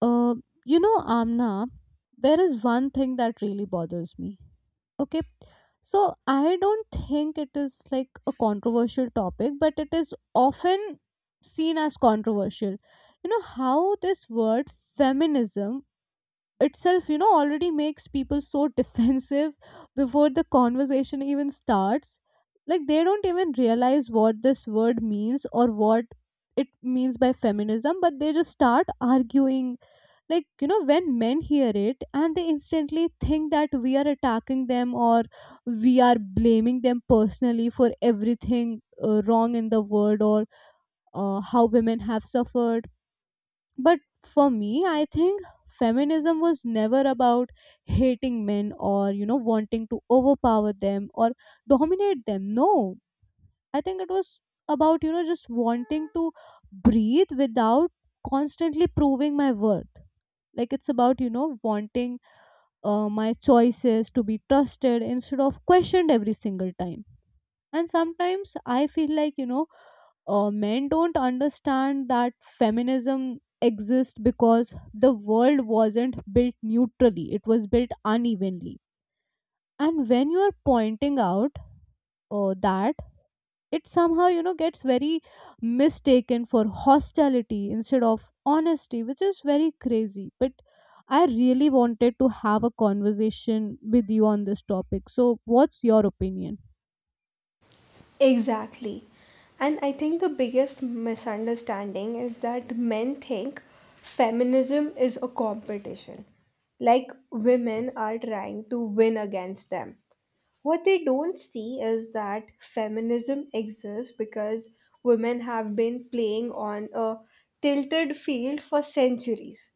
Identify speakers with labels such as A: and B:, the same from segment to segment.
A: Uh, you know, Amna, there is one thing that really bothers me. Okay. So I don't think it is like a controversial topic, but it is often seen as controversial. You know how this word feminism itself you know already makes people so defensive before the conversation even starts, like they don't even realize what this word means or what it means by feminism, but they just start arguing. Like, you know, when men hear it and they instantly think that we are attacking them or we are blaming them personally for everything wrong in the world, or how women have suffered. But for me, I think feminism was never about hating men or, you know, wanting to overpower them or dominate them. No, I think it was about, you know, just wanting to breathe without constantly proving my worth. Like it's about, you know, wanting my choices to be trusted instead of questioned every single time. And sometimes I feel like, you know, men don't understand that feminism exists because the world wasn't built neutrally, it was built unevenly. And when you are pointing out that, it somehow you know gets very mistaken for hostility instead of honesty, which is very crazy. But I really wanted to have a conversation with you on this topic, so what's your opinion?
B: Exactly. And I think the biggest misunderstanding is that men think feminism is a competition, like women are trying to win against them. What they don't see is that feminism exists because women have been playing on a tilted field for centuries.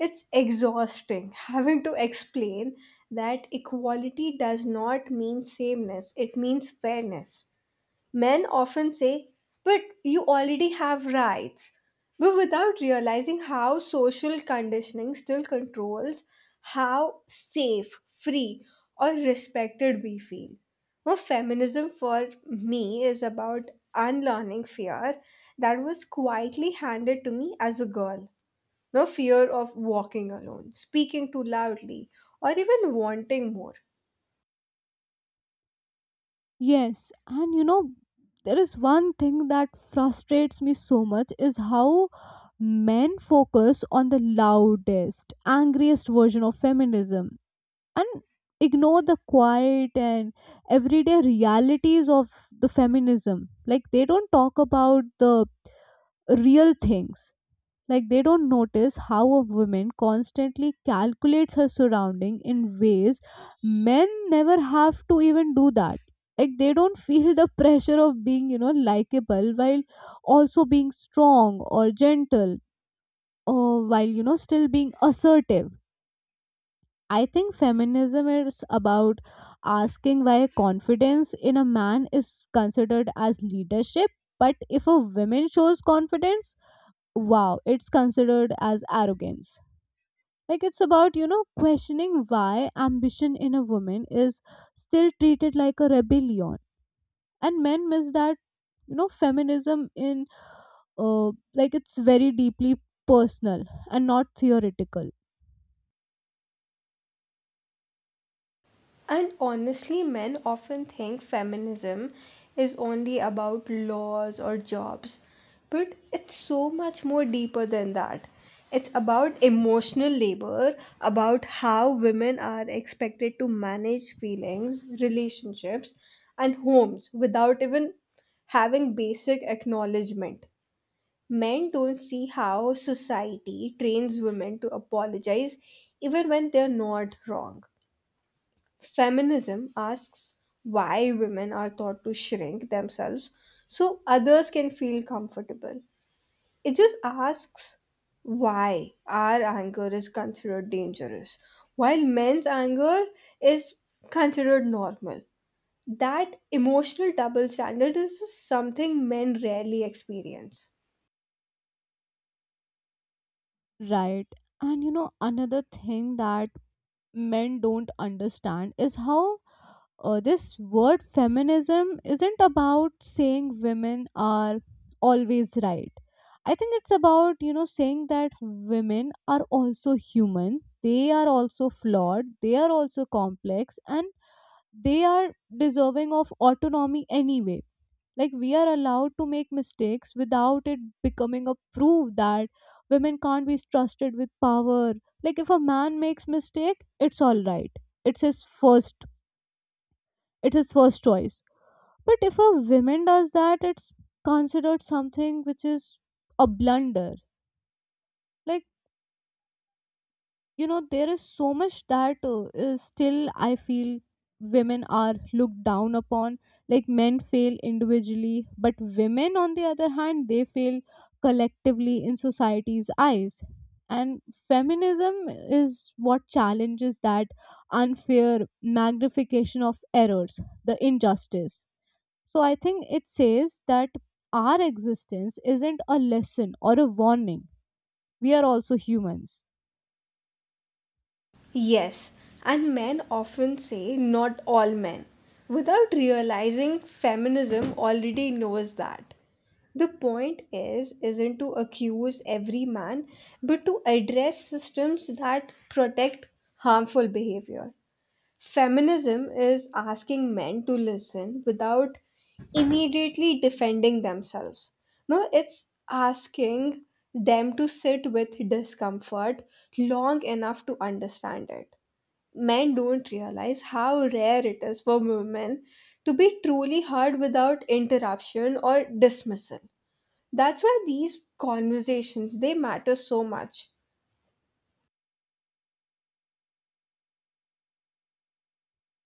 B: It's exhausting having to explain that equality does not mean sameness, it means fairness. Men often say, but you already have rights, but without realizing how social conditioning still controls how safe, free, or respected we feel. Well, feminism for me is about unlearning fear that was quietly handed to me as a girl. No fear of walking alone, speaking too loudly, or even wanting more.
A: Yes, and you know, there is one thing that frustrates me so much is how men focus on the loudest, angriest version of feminism and ignore the quiet and everyday realities of the feminism. Like they don't talk about the real things. Like they don't notice how a woman constantly calculates her surrounding in ways men never have to even do that. Like they don't feel the pressure of being, you know, likable while also being strong or gentle, or while, you know, still being assertive. I think feminism is about asking why confidence in a man is considered as leadership, but if a woman shows confidence, wow, it's considered as arrogance. Like it's about, you know, questioning why ambition in a woman is still treated like a rebellion. And men miss that, you know, feminism in uh, like, it's very deeply personal and not theoretical.
B: And honestly, men often think feminism is only about laws or jobs, but it's so much more deeper than that. It's about emotional labor, about how women are expected to manage feelings, relationships, and homes without even having basic acknowledgement. Men don't see how society trains women to apologize even when they're not wrong. Feminism asks why women are taught to shrink themselves so others can feel comfortable. It just asks why our anger is considered dangerous, while men's anger is considered normal. That emotional double standard is just something men rarely experience.
A: Right, and you know another thing that men don't understand is how this word feminism isn't about saying women are always right. I think it's about, you know, saying that women are also human, they are also flawed, they are also complex, and they are deserving of autonomy anyway. Like, we are allowed to make mistakes without it becoming a proof that women can't be trusted with power. Like, if a man makes mistake, it's all right. It's his first. It's his first choice, but if a woman does that, it's considered something which is a blunder. Like, you know, there is so much that is still, I feel, women are looked down upon. Like, men fail individually, but women, on the other hand, they fail collectively in society's eyes. And feminism is what challenges that unfair magnification of errors, the injustice. So I think it says that our existence isn't a lesson or a warning. We are also humans.
B: Yes, and men often say not all men, without realizing feminism already knows that. The point is isn't to accuse every man, but to address systems that protect harmful behavior. Feminism is asking men to listen without immediately defending themselves. No, it's asking them to sit with discomfort long enough to understand it. Men don't realize how rare it is for women to be truly heard without interruption or dismissal. That's why these conversations they matter so much.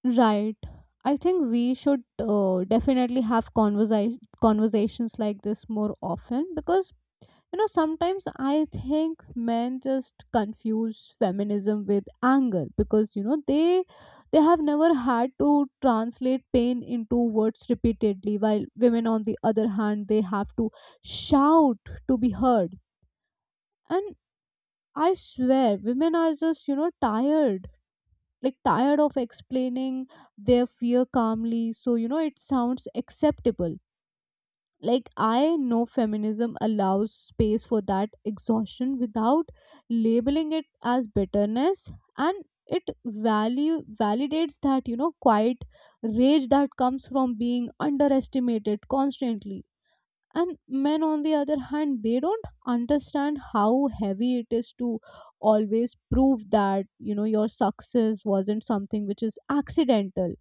A: Right. I think we should definitely have conversations like this more often, because you know sometimes I think men just confuse feminism with anger, because you know they have never had to translate pain into words repeatedly, while women on the other hand they have to shout to be heard. And I swear, women are just, you know, tired. Like, tired of explaining their fear calmly. So, you know, it sounds acceptable. Like, I know feminism allows space for that exhaustion without labeling it as bitterness. And it value validates that, you know, quiet rage that comes from being underestimated constantly. And men on the other hand they don't understand how heavy it is to always prove that you know your success wasn't something which is accidental.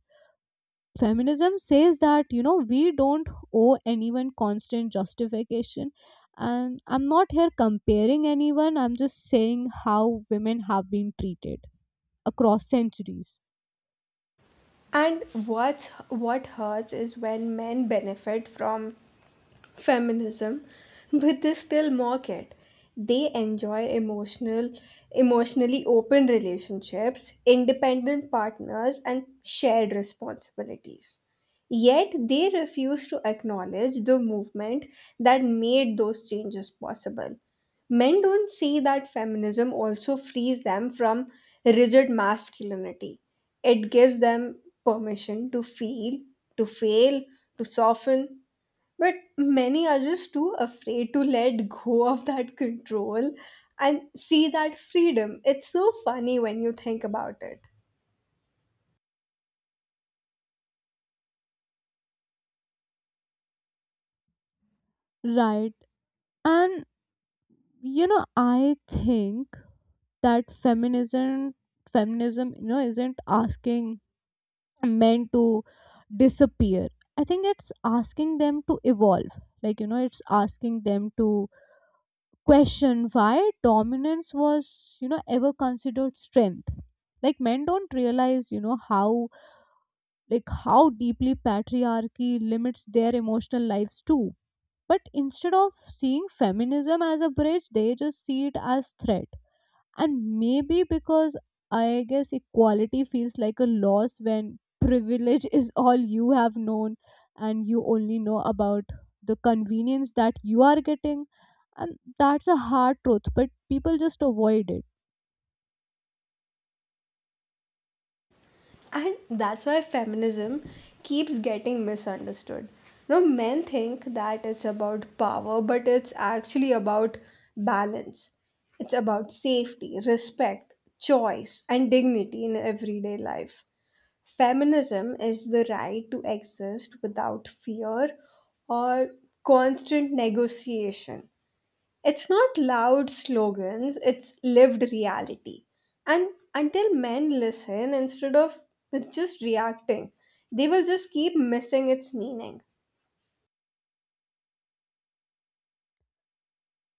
A: Feminism says that you know we don't owe anyone constant justification. And I'm not here comparing anyone, I'm just saying how women have been treated across centuries.
B: And what hurts is when men benefit from feminism, but they still mock it. They enjoy emotionally open relationships, independent partners, and shared responsibilities. Yet they refuse to acknowledge the movement that made those changes possible. Men don't see that feminism also frees them from rigid masculinity. It gives them permission to feel, to fail, to soften, but many are just too afraid to let go of that control and see that freedom. It's so funny when you think about it.
A: Right. And you know, I think that feminism, you know, isn't asking men to disappear. I think it's asking them to evolve. Like, you know, it's asking them to question why dominance was, you know, ever considered strength. Like men don't realize, you know, how how deeply patriarchy limits their emotional lives too. But instead of seeing feminism as a bridge, they just see it as threat. And maybe because I guess equality feels like a loss when privilege is all you have known, and you only know about the convenience that you are getting. And that's a hard truth, but people just avoid it.
B: And that's why feminism keeps getting misunderstood. Now men think that it's about power, but it's actually about balance. It's about safety, respect, choice, and dignity in everyday life. Feminism is the right to exist without fear or constant negotiation. It's not loud slogans, it's lived reality. And until men listen instead of just reacting, they will just keep missing its meaning.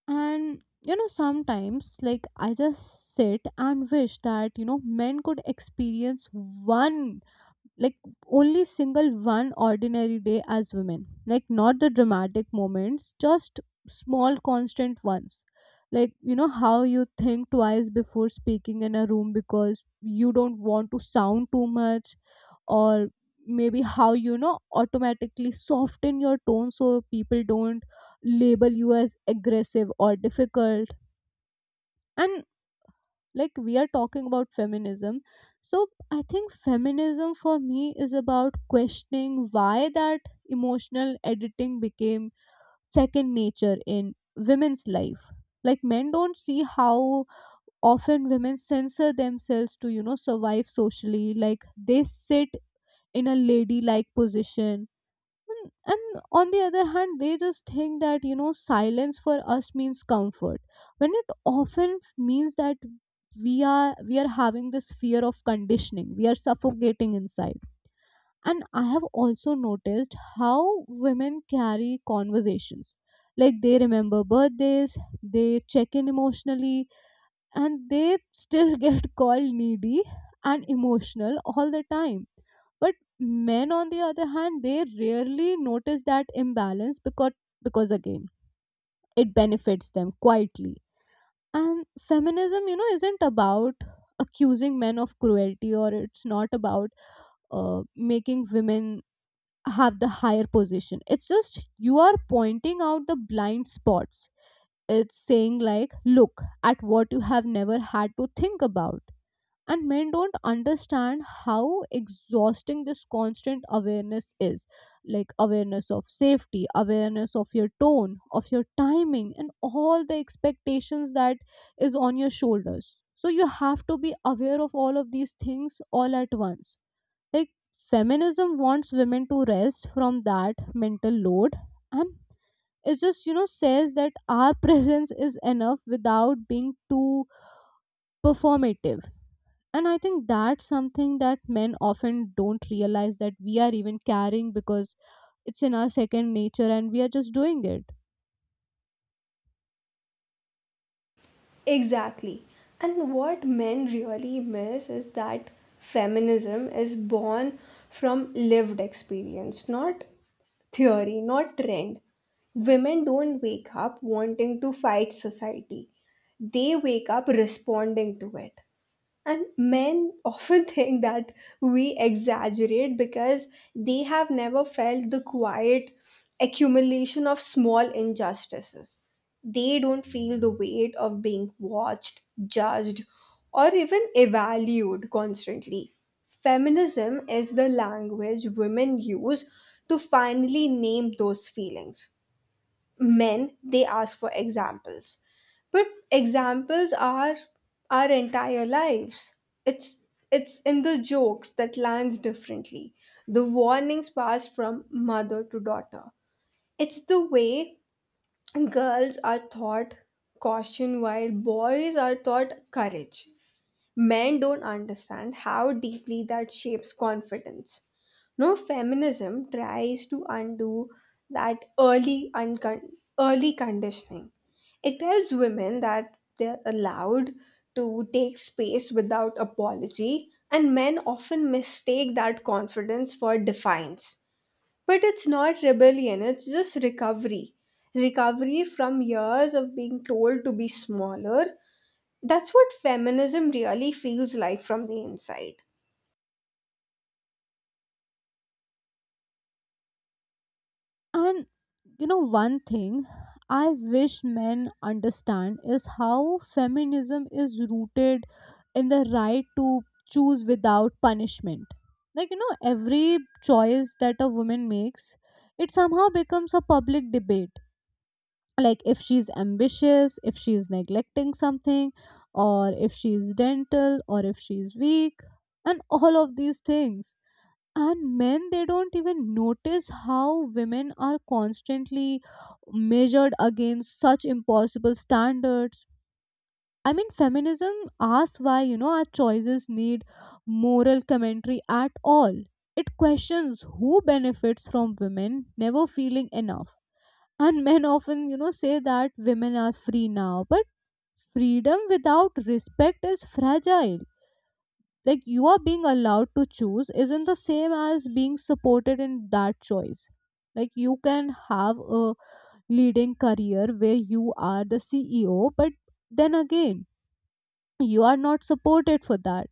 A: And you know sometimes like I just sit and wish that you know men could experience one, like only single one ordinary day as women. Like not the dramatic moments, just small constant ones. Like, you know, how you think twice before speaking in a room because you don't want to sound too much, or maybe how you know automatically soften your tone so people don't label you as aggressive or difficult. And like we are talking about feminism, so I think feminism for me is about questioning why that emotional editing became second nature in women's life. Like men don't see how often women censor themselves to you know survive socially. Like they sit in a ladylike position, and on the other hand they just think that you know silence for us means comfort, when it often means that we are having this fear of conditioning, we are suffocating inside. And I have also noticed how women carry conversations, like they remember birthdays, they check in emotionally, and they still get called needy and emotional all the time. But men on the other hand they rarely notice that imbalance, because again, it benefits them quietly. And feminism you know isn't about accusing men of cruelty, or it's not about making women have the higher position. It's just you are pointing out the blind spots. It's saying like look at what you have never had to think about. And men don't understand how exhausting this constant awareness is. Like awareness of safety, awareness of your tone, of your timing, and all the expectations that is on your shoulders, so you have to be aware of all of these things all at once. Like feminism wants women to rest from that mental load. And it just you know says that our presence is enough without being too performative. And I think that's something that men often don't realize that we are even carrying, because it's in our second nature and we are just doing it.
B: Exactly. And what men really miss is that feminism is born from lived experience, not theory, not trend. Women don't wake up wanting to fight society, they wake up responding to it. And men often think that we exaggerate because they have never felt the quiet accumulation of small injustices. They don't feel the weight of being watched, judged, or even evaluated constantly. Feminism is the language women use to finally name those feelings. Men they ask for examples, but examples are our entire lives. It's it's in the jokes that lands differently, the warnings passed from mother to daughter. It's the way girls are taught caution while boys are taught courage. Men don't understand how deeply that shapes confidence. No, feminism tries to undo that early conditioning. It tells women that they're allowed to take space without apology, and men often mistake that confidence for defiance. But it's not rebellion, it's just recovery. Recovery from years of being told to be smaller. That's what feminism really feels like from the inside.
A: And you know one thing I wish men understand is how feminism is rooted in the right to choose without punishment. Like you know every choice that a woman makes, it somehow becomes a public debate. Like if she's ambitious, if she's neglecting something, or if she's dental, or if she's weak, and all of these things. And men they don't even notice how women are constantly measured against such impossible standards. I mean feminism asks why you know our choices need moral commentary at all. It questions who benefits from women never feeling enough. And men often, you know, say that women are free now, but freedom without respect is fragile. Like you are being allowed to choose isn't the same as being supported in that choice. Like you can have a leading career where you are the CEO, but then again, you are not supported for that.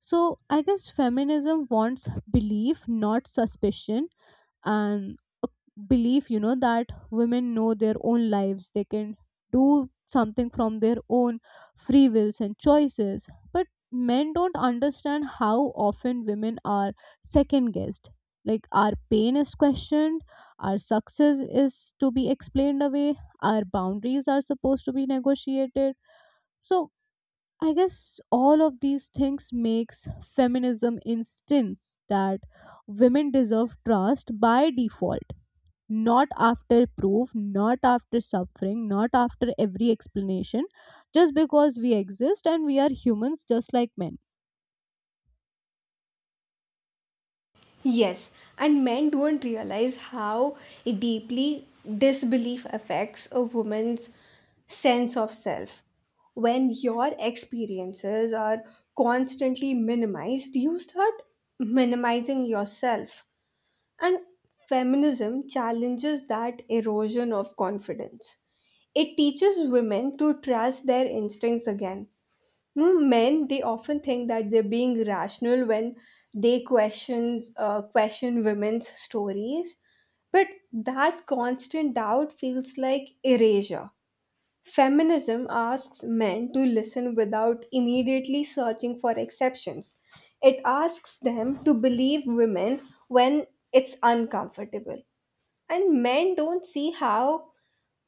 A: So I guess feminism wants belief, not suspicion. And a belief you know that women know their own lives, they can do something from their own free wills and choices. But men don't understand how often women are second guessed. Like our pain is questioned, our success is to be explained away, our boundaries are supposed to be negotiated. So I guess all of these things makes feminism instance that women deserve trust by default, not after proof, not after suffering, not after every explanation, just because we exist and we are humans just like men.
B: Yes, and men don't realize how deeply disbelief affects a woman's sense of self. When your experiences are constantly minimized, you start minimizing yourself. And feminism challenges that erosion of confidence. It teaches women to trust their instincts again. Mm, men, they often think that they're being rational when they question women's stories, but that constant doubt feels like erasure. Feminism asks men to listen without immediately searching for exceptions. It asks them to believe women when it's uncomfortable, and men don't see how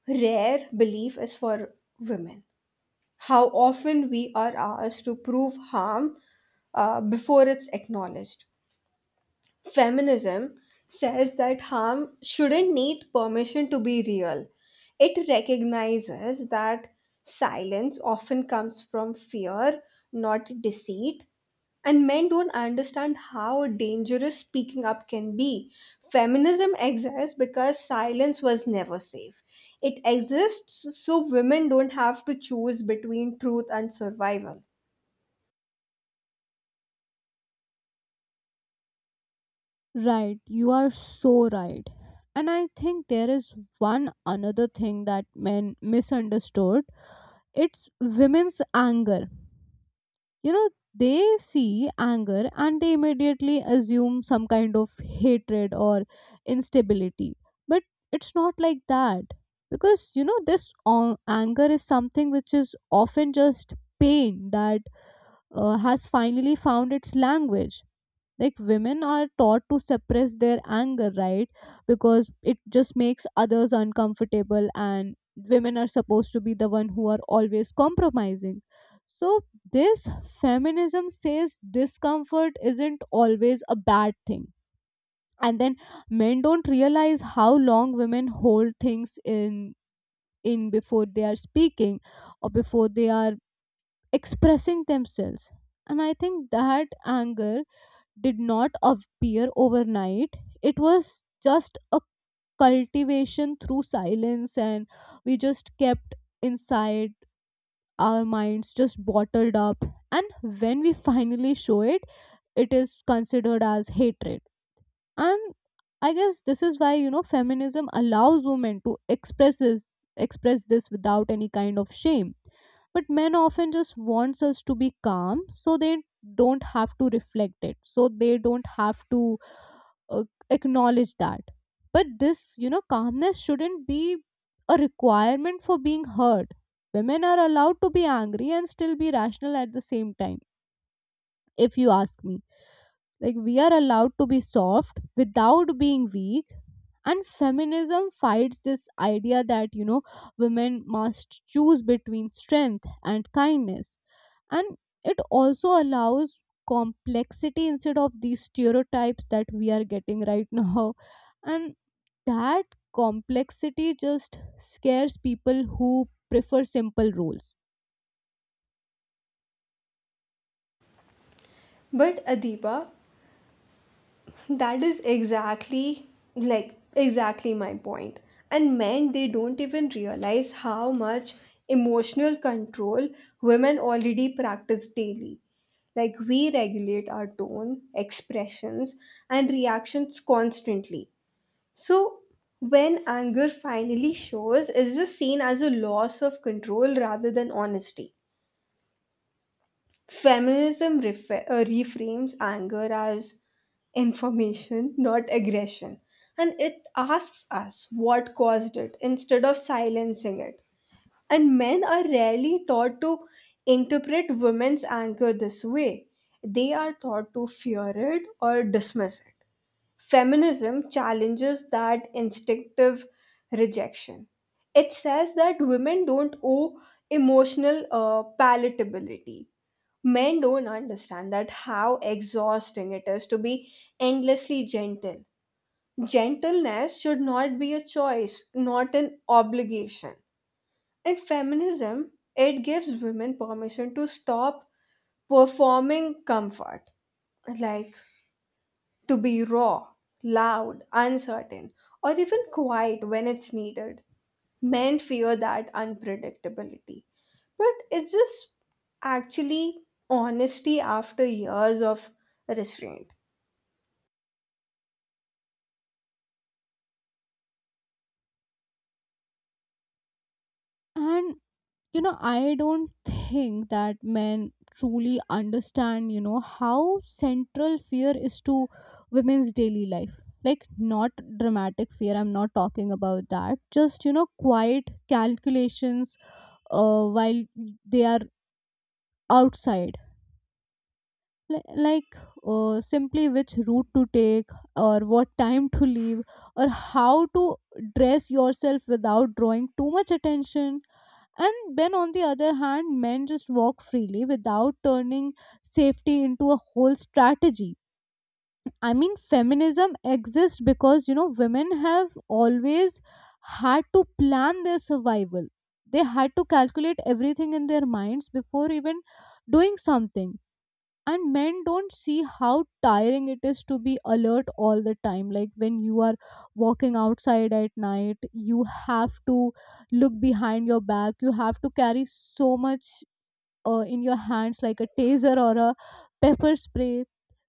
B: rare belief is for women, how often we are asked to prove harm before it's acknowledged. Feminism says that harm shouldn't need permission to be real. It recognizes that silence often comes from fear, not deceit, and men don't understand how dangerous speaking up can be. Feminism exists because silence was never safe. It exists so women don't have to choose between truth and survival.
A: Right, you are so right. And I think there is one another thing that men misunderstood, it's women's anger. You know, they see anger and they immediately assume some kind of hatred or instability, but it's not like that. Because this anger is something which is often just pain that has finally found its language. Like, women are taught to suppress their anger, right? Because it just makes others uncomfortable, and women are supposed to be the one who are always compromising. So this feminism says discomfort isn't always a bad thing. And then men don't realize how long women hold things in before they are speaking or before they are expressing themselves. And I think that anger did not appear overnight. It was just a cultivation through silence, and we just kept inside our minds, just bottled up. And when we finally show it, it is considered as hatred. And I guess this is why, feminism allows women to express this without any kind of shame. But men often just wants us to be calm, so they don't have to reflect it, so they don't have to uh, acknowledge that. But this, calmness shouldn't be a requirement for being heard. Women are allowed to be angry and still be rational at the same time, if you ask me. Like, we are allowed to be soft without being weak, and feminism fights this idea that, women must choose between strength and kindness. And it also allows complexity instead of these stereotypes that we are getting right now. And that complexity just scares people who prefer simple rules.
B: But Adiba, that is exactly, like exactly my point. And men, they don't even realize how much emotional control women already practice daily. Like we regulate our tone, expressions, and reactions constantly. So when anger finally shows, it's just seen as a loss of control rather than honesty. Feminism reframes anger as information, not aggression, and it asks us what caused it instead of silencing it. And men are rarely taught to interpret women's anger this way, they are taught to fear it or dismiss it. Feminism challenges that instinctive rejection. It says that women don't owe emotional palatability. Men don't understand that how exhausting it is to be endlessly gentle. Gentleness should not be a choice, not an obligation. In feminism, it gives women permission to stop performing comfort, like to be raw, loud, uncertain, or even quiet when it's needed. Men fear that unpredictability. But it's just actually honesty after years of restraint.
A: And I don't think that men truly understand, how central fear is to women's daily life. Like, not dramatic fear, I'm not talking about that, just quiet calculations while they are outside. Like, simply which route to take, or what time to leave, or how to dress yourself without drawing too much attention. And then on the other hand, men just walk freely without turning safety into a whole strategy. I mean, feminism exists because, women have always had to plan their survival. They had to calculate everything in their minds before even doing something. And men don't see how tiring it is to be alert all the time, like when you are walking outside at night, you have to look behind your back, you have to carry so much in your hands, like a taser or a pepper spray.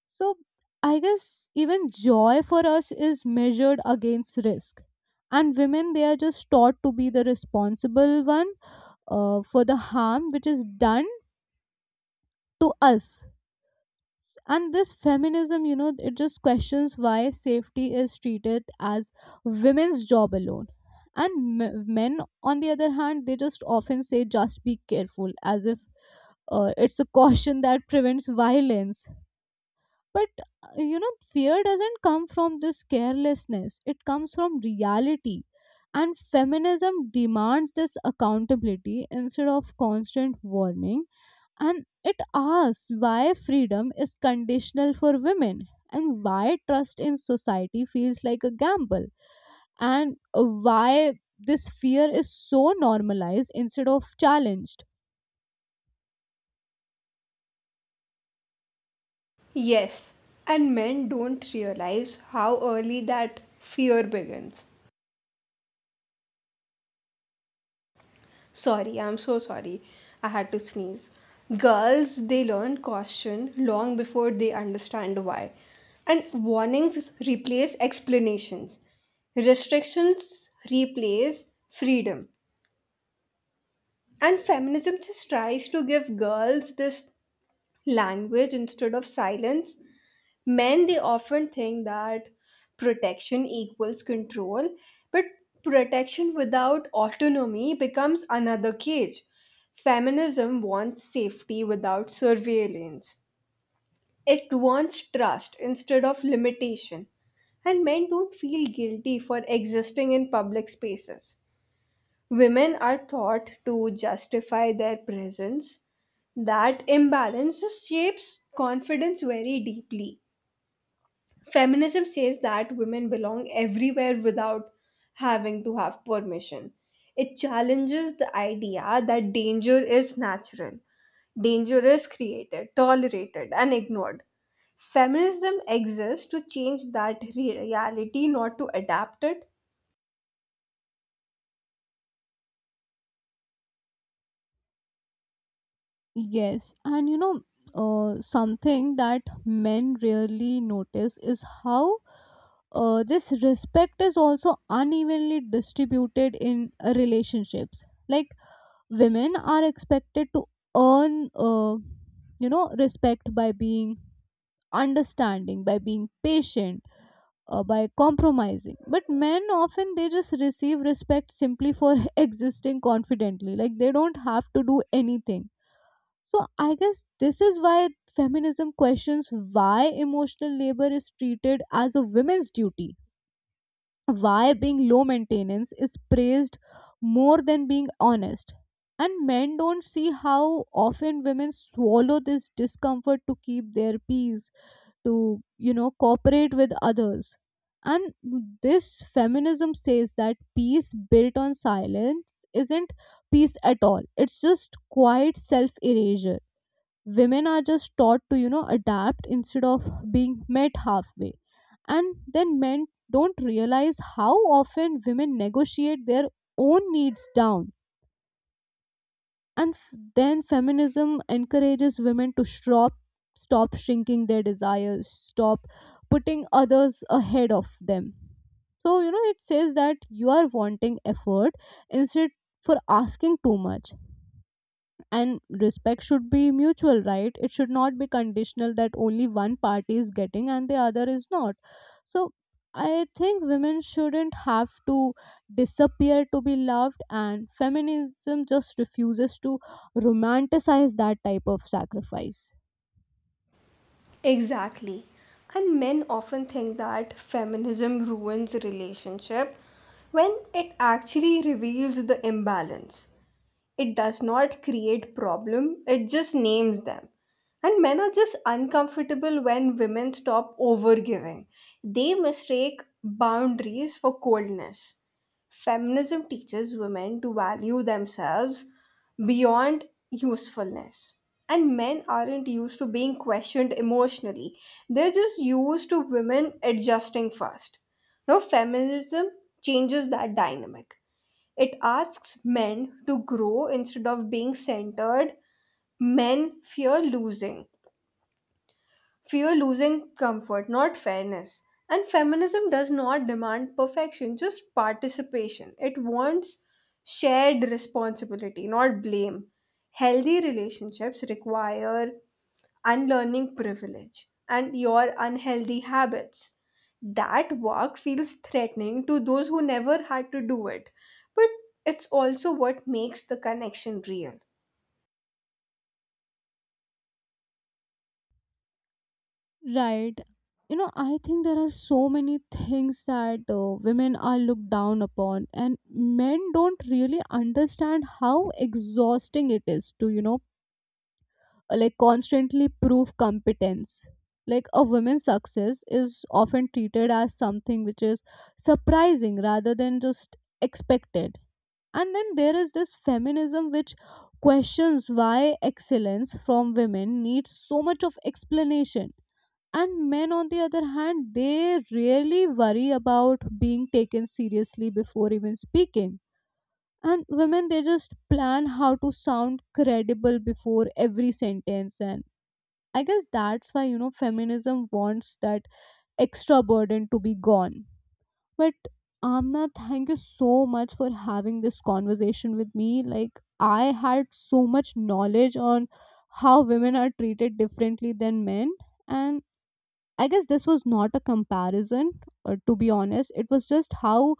A: So I guess even joy for us is measured against risk. And women, they are just taught to be the responsible one for the harm which is done to us. And this feminism, it just questions why safety is treated as women's job alone. And men, on the other hand, they just often say just be careful, as if it's a caution that prevents violence. But fear doesn't come from this carelessness, it comes from reality. And feminism demands this accountability instead of constant warning. And it asks why freedom is conditional for women, and why trust in society feels like a gamble, and why this fear is so normalized instead of challenged.
B: Yes, and men don't realize how early that fear begins. Sorry, I'm so sorry. I had to sneeze. Girls, they learn caution long before they understand why. And warnings replace explanations. Restrictions replace freedom. And feminism just tries to give girls this language instead of silence. Men, they often think that protection equals control, but protection without autonomy becomes another cage. Feminism wants safety without surveillance, it wants trust instead of limitation. And men don't feel guilty for existing in public spaces. Women are taught to justify their presence. That imbalance just shapes confidence very deeply. Feminism says that women belong everywhere without having to have permission. It challenges the idea that danger is natural, danger is created, tolerated, and ignored. Feminism exists to change that reality, not to adapt it.
A: Yes, and something that men rarely notice is how this respect is also unevenly distributed in relationships. Like, women are expected to earn respect by being understanding, by being patient, by compromising. But men often, they just receive respect simply for existing confidently, like they don't have to do anything. So I guess this is why feminism questions why emotional labor is treated as a women's duty, why being low maintenance is praised more than being honest. And men don't see how often women swallow this discomfort to keep their peace, to, cooperate with others. And this feminism says that peace built on silence isn't peace at all, it's just quiet self erasure. Women are just taught to adapt instead of being met halfway. And then men don't realize how often women negotiate their own needs down. And then feminism encourages women to stop shrinking their desires, stop putting others ahead of them. So it says that you are wanting effort instead for asking too much. And respect should be mutual, right? It should not be conditional that only one party is getting and the other is not. So I think women shouldn't have to disappear to be loved, and feminism just refuses to romanticize that type of sacrifice.
B: Exactly. And men often think that feminism ruins relationship when it actually reveals the imbalance. It does not create problem, it just names them. And men are just uncomfortable when women stop overgiving, they mistake boundaries for coldness. Feminism teaches women to value themselves beyond usefulness, and men aren't used to being questioned emotionally, they're just used to women adjusting fast. Now, feminism changes that dynamic, it asks men to grow instead of being centered. Men fear losing comfort, not fairness. And feminism does not demand perfection, just participation. It wants shared responsibility, not blame. Healthy relationships require unlearning privilege and your unhealthy habits. That work feels threatening to those who never had to do it, but it's also what makes the connection real.
A: Right. You know, I think there are so many things that women are looked down upon, and men don't really understand how exhausting it is to, like constantly prove competence. Like a woman's success is often treated as something which is surprising rather than just expected. And then there is this feminism which questions why excellence from women needs so much of explanation. And men on the other hand, they really worry about being taken seriously before even speaking. And women, they just plan how to sound credible before every sentence. And I guess that's why, feminism wants that extra burden to be gone. But Amna, thank you so much for having this conversation with me. Like, I had so much knowledge on how women are treated differently than men. And I guess this was not a comparison, to be honest. It was just how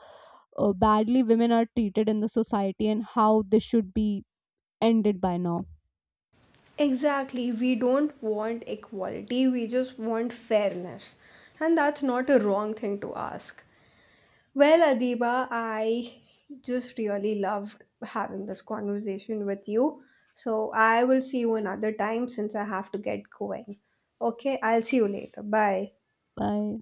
A: badly women are treated in the society and how this should be ended by now.
B: Exactly, we don't want equality, we just want fairness, and that's not a wrong thing to ask. Well, Adiba, I just really loved having this conversation with you. So I will see you another time since I have to get going. Okay, I'll see you later. Bye.
A: Bye.